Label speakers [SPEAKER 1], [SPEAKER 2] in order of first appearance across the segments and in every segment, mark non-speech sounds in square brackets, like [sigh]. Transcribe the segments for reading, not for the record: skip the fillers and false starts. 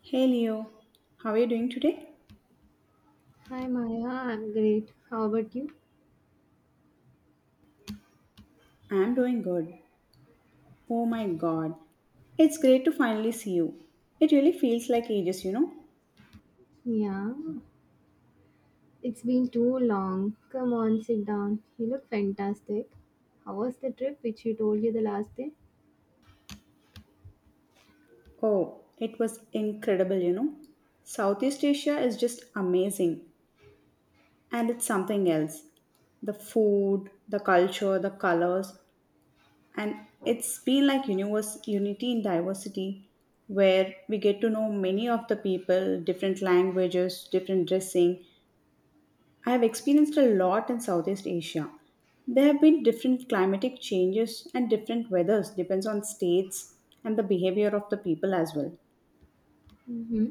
[SPEAKER 1] Hey Leo, how are you doing today?
[SPEAKER 2] Hi Maya, I'm great. How about you?
[SPEAKER 1] I'm doing good. Oh my god, it's great to finally see you. It really feels like ages, you know?
[SPEAKER 2] Yeah, it's been too long. Come on, sit down. You look fantastic. How was the trip which you told you the last day?
[SPEAKER 1] Oh, it was incredible, you know? Southeast Asia is just amazing, and it's something else. The food, the culture, the colors, and it's been like universe unity in diversity where we get to know many of the people, different languages, different dressing. I have experienced a lot in Southeast Asia. There have been different climatic changes and different weathers depends on states and the behavior of the people as well.
[SPEAKER 2] Mm-hmm.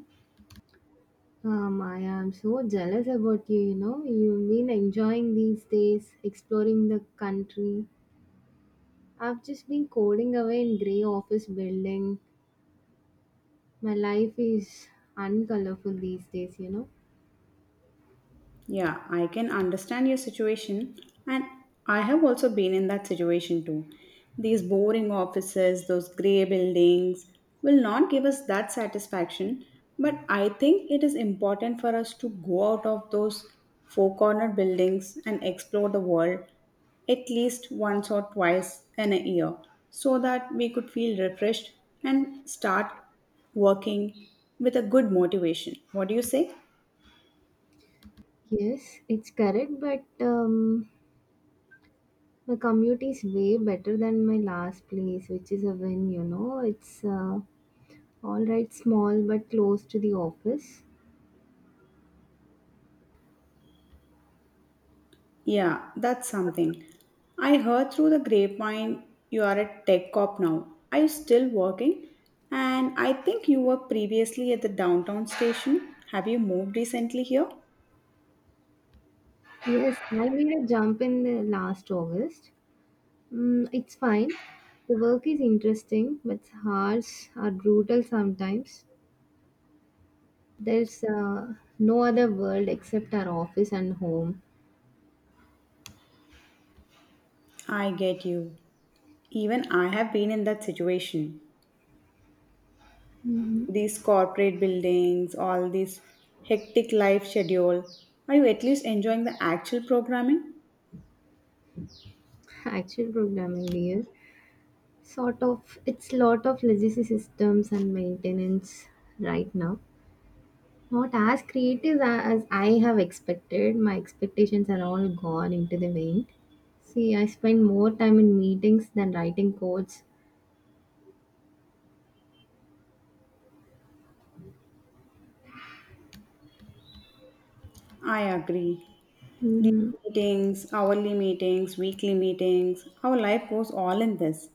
[SPEAKER 2] Ah, Maya, I'm so jealous about you, you know. You've been enjoying these days, exploring the country. I've just been coding away in grey office building. My life is uncolorful these days, you know.
[SPEAKER 1] Yeah, I can understand your situation, and I have also been in that situation too. These boring offices, those grey buildings, will not give us that satisfaction, but I think it is important for us to go out of those four corner buildings and explore the world at least once or twice in a year so that we could feel refreshed and start working with a good motivation. What do you say?
[SPEAKER 2] Yes, it's correct, but my commute is way better than my last place, which is a win, you know. It's all right, small but close to the office.
[SPEAKER 1] Yeah, that's something. I heard through the grapevine you are a tech cop now. Are you still working? And I think you were previously at the downtown station. Have you moved recently here?
[SPEAKER 2] Yes, I made a jump in the last August. Mm, it's fine. The work is interesting, but hours are brutal sometimes. There's no other world except our office and home.
[SPEAKER 1] I get you. Even I have been in that situation. These corporate buildings, all this hectic life schedule. Are you at least enjoying the actual programming?
[SPEAKER 2] [laughs] Actual programming, dear. Sort of, it's lot of legacy systems and maintenance right now. Not as creative as I have expected. My expectations are all gone into the wind. See, I spend more time in meetings than writing codes.
[SPEAKER 1] I agree. These
[SPEAKER 2] hmm
[SPEAKER 1] meetings, hourly meetings, weekly meetings, our life goes all in this.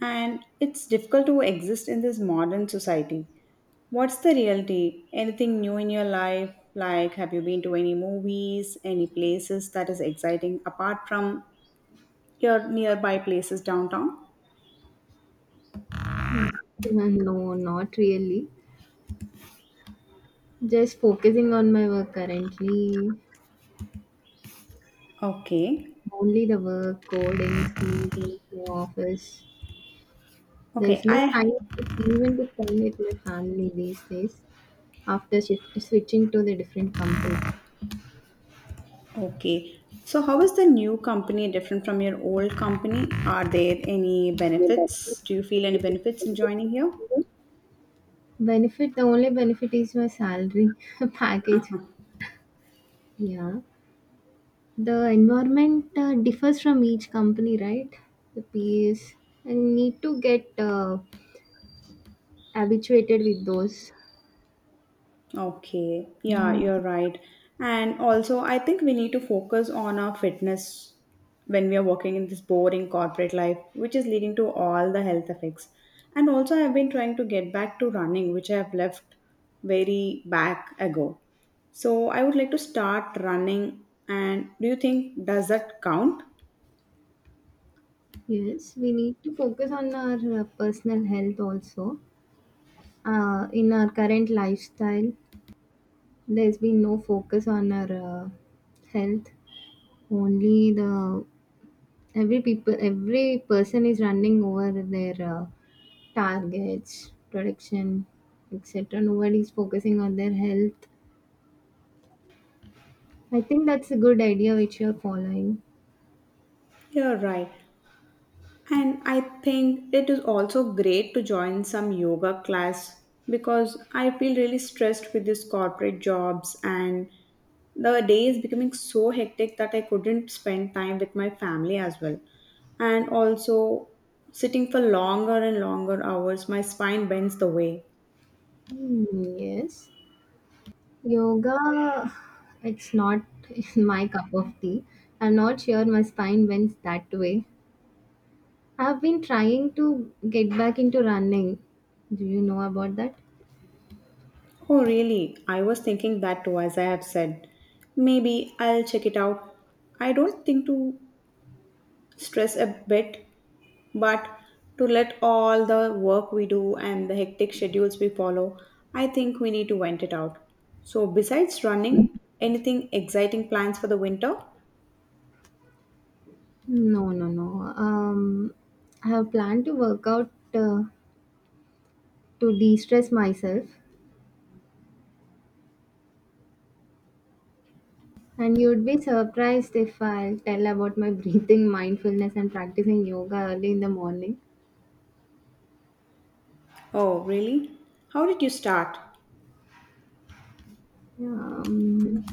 [SPEAKER 1] And it's difficult to exist in this modern society. What's the reality? Anything new in your life? Like, have you been to any movies, any places that is exciting apart from your nearby places downtown?
[SPEAKER 2] No, not really. Just focusing on my work currently.
[SPEAKER 1] Okay.
[SPEAKER 2] Only the work, coding, meetings, my office.
[SPEAKER 1] Okay,
[SPEAKER 2] There's no
[SPEAKER 1] I
[SPEAKER 2] time even to spend with my family these days after switching to the different company.
[SPEAKER 1] okay. So how is the new company different from your old company? Are there any benefits? Do you feel any benefits in joining here?
[SPEAKER 2] Benefit, the only benefit is my salary [laughs] package.
[SPEAKER 1] [laughs]
[SPEAKER 2] Yeah. The environment differs from each company, right? The PAs. And need to get habituated with those.
[SPEAKER 1] Okay, yeah,
[SPEAKER 2] Mm,
[SPEAKER 1] you're right. And also, I think we need to focus on our fitness when we are working in this boring corporate life, which is leading to all the health effects. And also, I've been trying to get back to running, which I have left very back ago. So, I would like to start running. And do you think does that count?
[SPEAKER 2] yes, we need to focus on our personal health also. In our current lifestyle, there's been no focus on our uh, health. Only the every people, every person is running over their targets, production, etc. Nobody's focusing on their health. I think that's a good idea which you're following.
[SPEAKER 1] You're right. And I think it is also great to join some yoga class because I feel really stressed with these corporate jobs and the day is becoming so hectic that I couldn't spend time with my family as well. And also, sitting for longer and longer hours, my spine bends the way.
[SPEAKER 2] Hmm, yes. Yoga, it's not [laughs] my cup of tea. I'm not sure my spine bends that way. I've been trying to get back into running. Do you know about that?
[SPEAKER 1] Oh, really? I was thinking that too, as I have said. Maybe I'll check it out. I don't think to stress a bit. But to let all the work we do and the hectic schedules we follow, I think we need to vent it out. So, besides running, anything exciting plans for the winter?
[SPEAKER 2] No, no, no. I have planned to work out to de stress myself. And you'd be surprised if I'll tell about my [laughs] breathing, mindfulness, and practicing yoga early in the morning.
[SPEAKER 1] Oh, really? How did you start?
[SPEAKER 2] Um,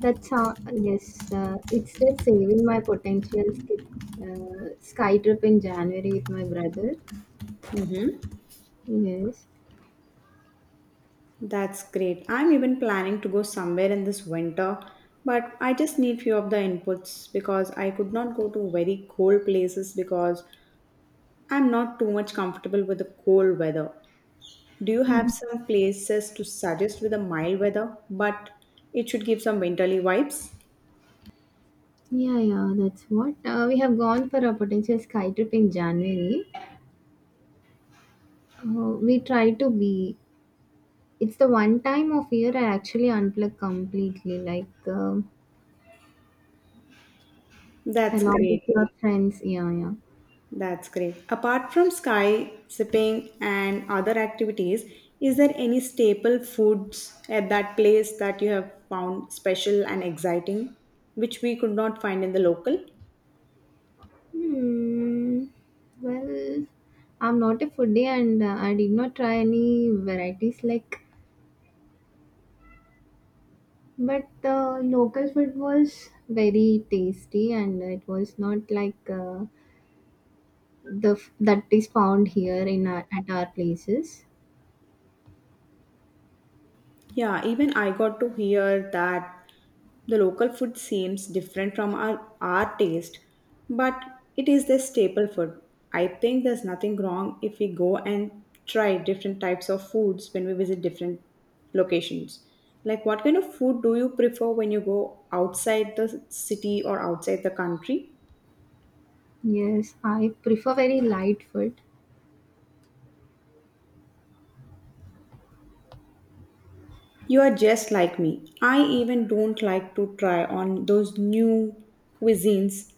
[SPEAKER 2] that's how, yes, it's just saving my potential skip, sky trip in January with my brother.
[SPEAKER 1] Mhm.
[SPEAKER 2] Yes.
[SPEAKER 1] That's great. I'm even planning to go somewhere in this winter, but I just need few of the inputs because I could not go to very cold places because I'm not too much comfortable with the cold weather. Do you have some places to suggest with a mild weather, but it should give some winterly vibes?
[SPEAKER 2] Yeah, yeah, that's what. We have gone for a potential sky trip in January. We try to be. It's the one time of year I actually unplug completely, like
[SPEAKER 1] That's
[SPEAKER 2] along with
[SPEAKER 1] great.
[SPEAKER 2] your friends. Yeah, yeah.
[SPEAKER 1] That's great. Apart from sky sipping and other activities, is there any staple foods at that place that you have found special and exciting, which we could not find in the local?
[SPEAKER 2] Hmm. Well, I'm not a foodie and I did not try any varieties like but the local food was very tasty and it was not like that is found here in our, at our places.
[SPEAKER 1] Yeah, even I got to hear that the local food seems different from our taste, but it is their staple food. I think there's nothing wrong if we go and try different types of foods when we visit different locations. Like, what kind of food do you prefer when you go outside the city or outside the country?
[SPEAKER 2] Yes, I prefer very light food.
[SPEAKER 1] You are just like me. I even don't like to try on those new cuisines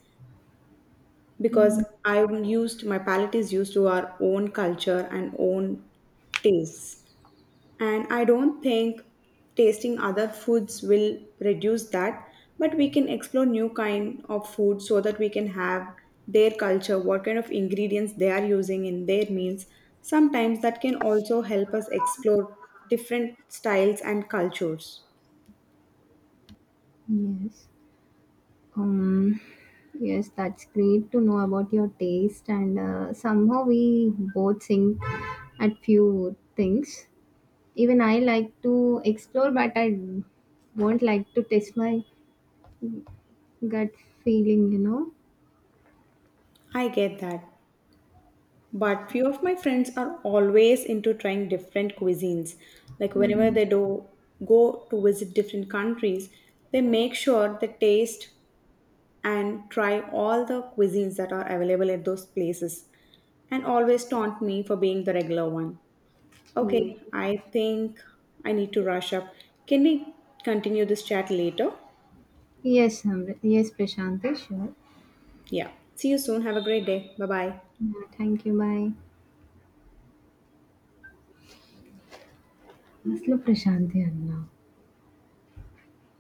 [SPEAKER 1] because
[SPEAKER 2] Mm,
[SPEAKER 1] I'm used, my palate is used to our own culture and own tastes. And I don't think tasting other foods will reduce that, but we can explore new kind of food so that we can have their culture, what kind of ingredients they are using in their meals. Sometimes that can also help us explore different styles and cultures.
[SPEAKER 2] yes. Um, yes, that's great to know about your taste and somehow we both think at few things. Even I like to explore, but I won't like to test my gut feeling, you know.
[SPEAKER 1] I get that. But few of my friends are always into trying different cuisines. Like whenever
[SPEAKER 2] hmm
[SPEAKER 1] they do go to visit different countries, they make sure they taste and try all the cuisines that are available at those places and always taunt me for being the regular one.
[SPEAKER 2] Yes.
[SPEAKER 1] Okay, I think I need to rush up. Can we continue this chat later?
[SPEAKER 2] Yes, Amrit. Yes, Prashanti, sure.
[SPEAKER 1] Yeah. See you soon. Have a great day. Bye bye.
[SPEAKER 2] Yeah, thank you. Bye. అసలు ప్రశాంతి అన్నా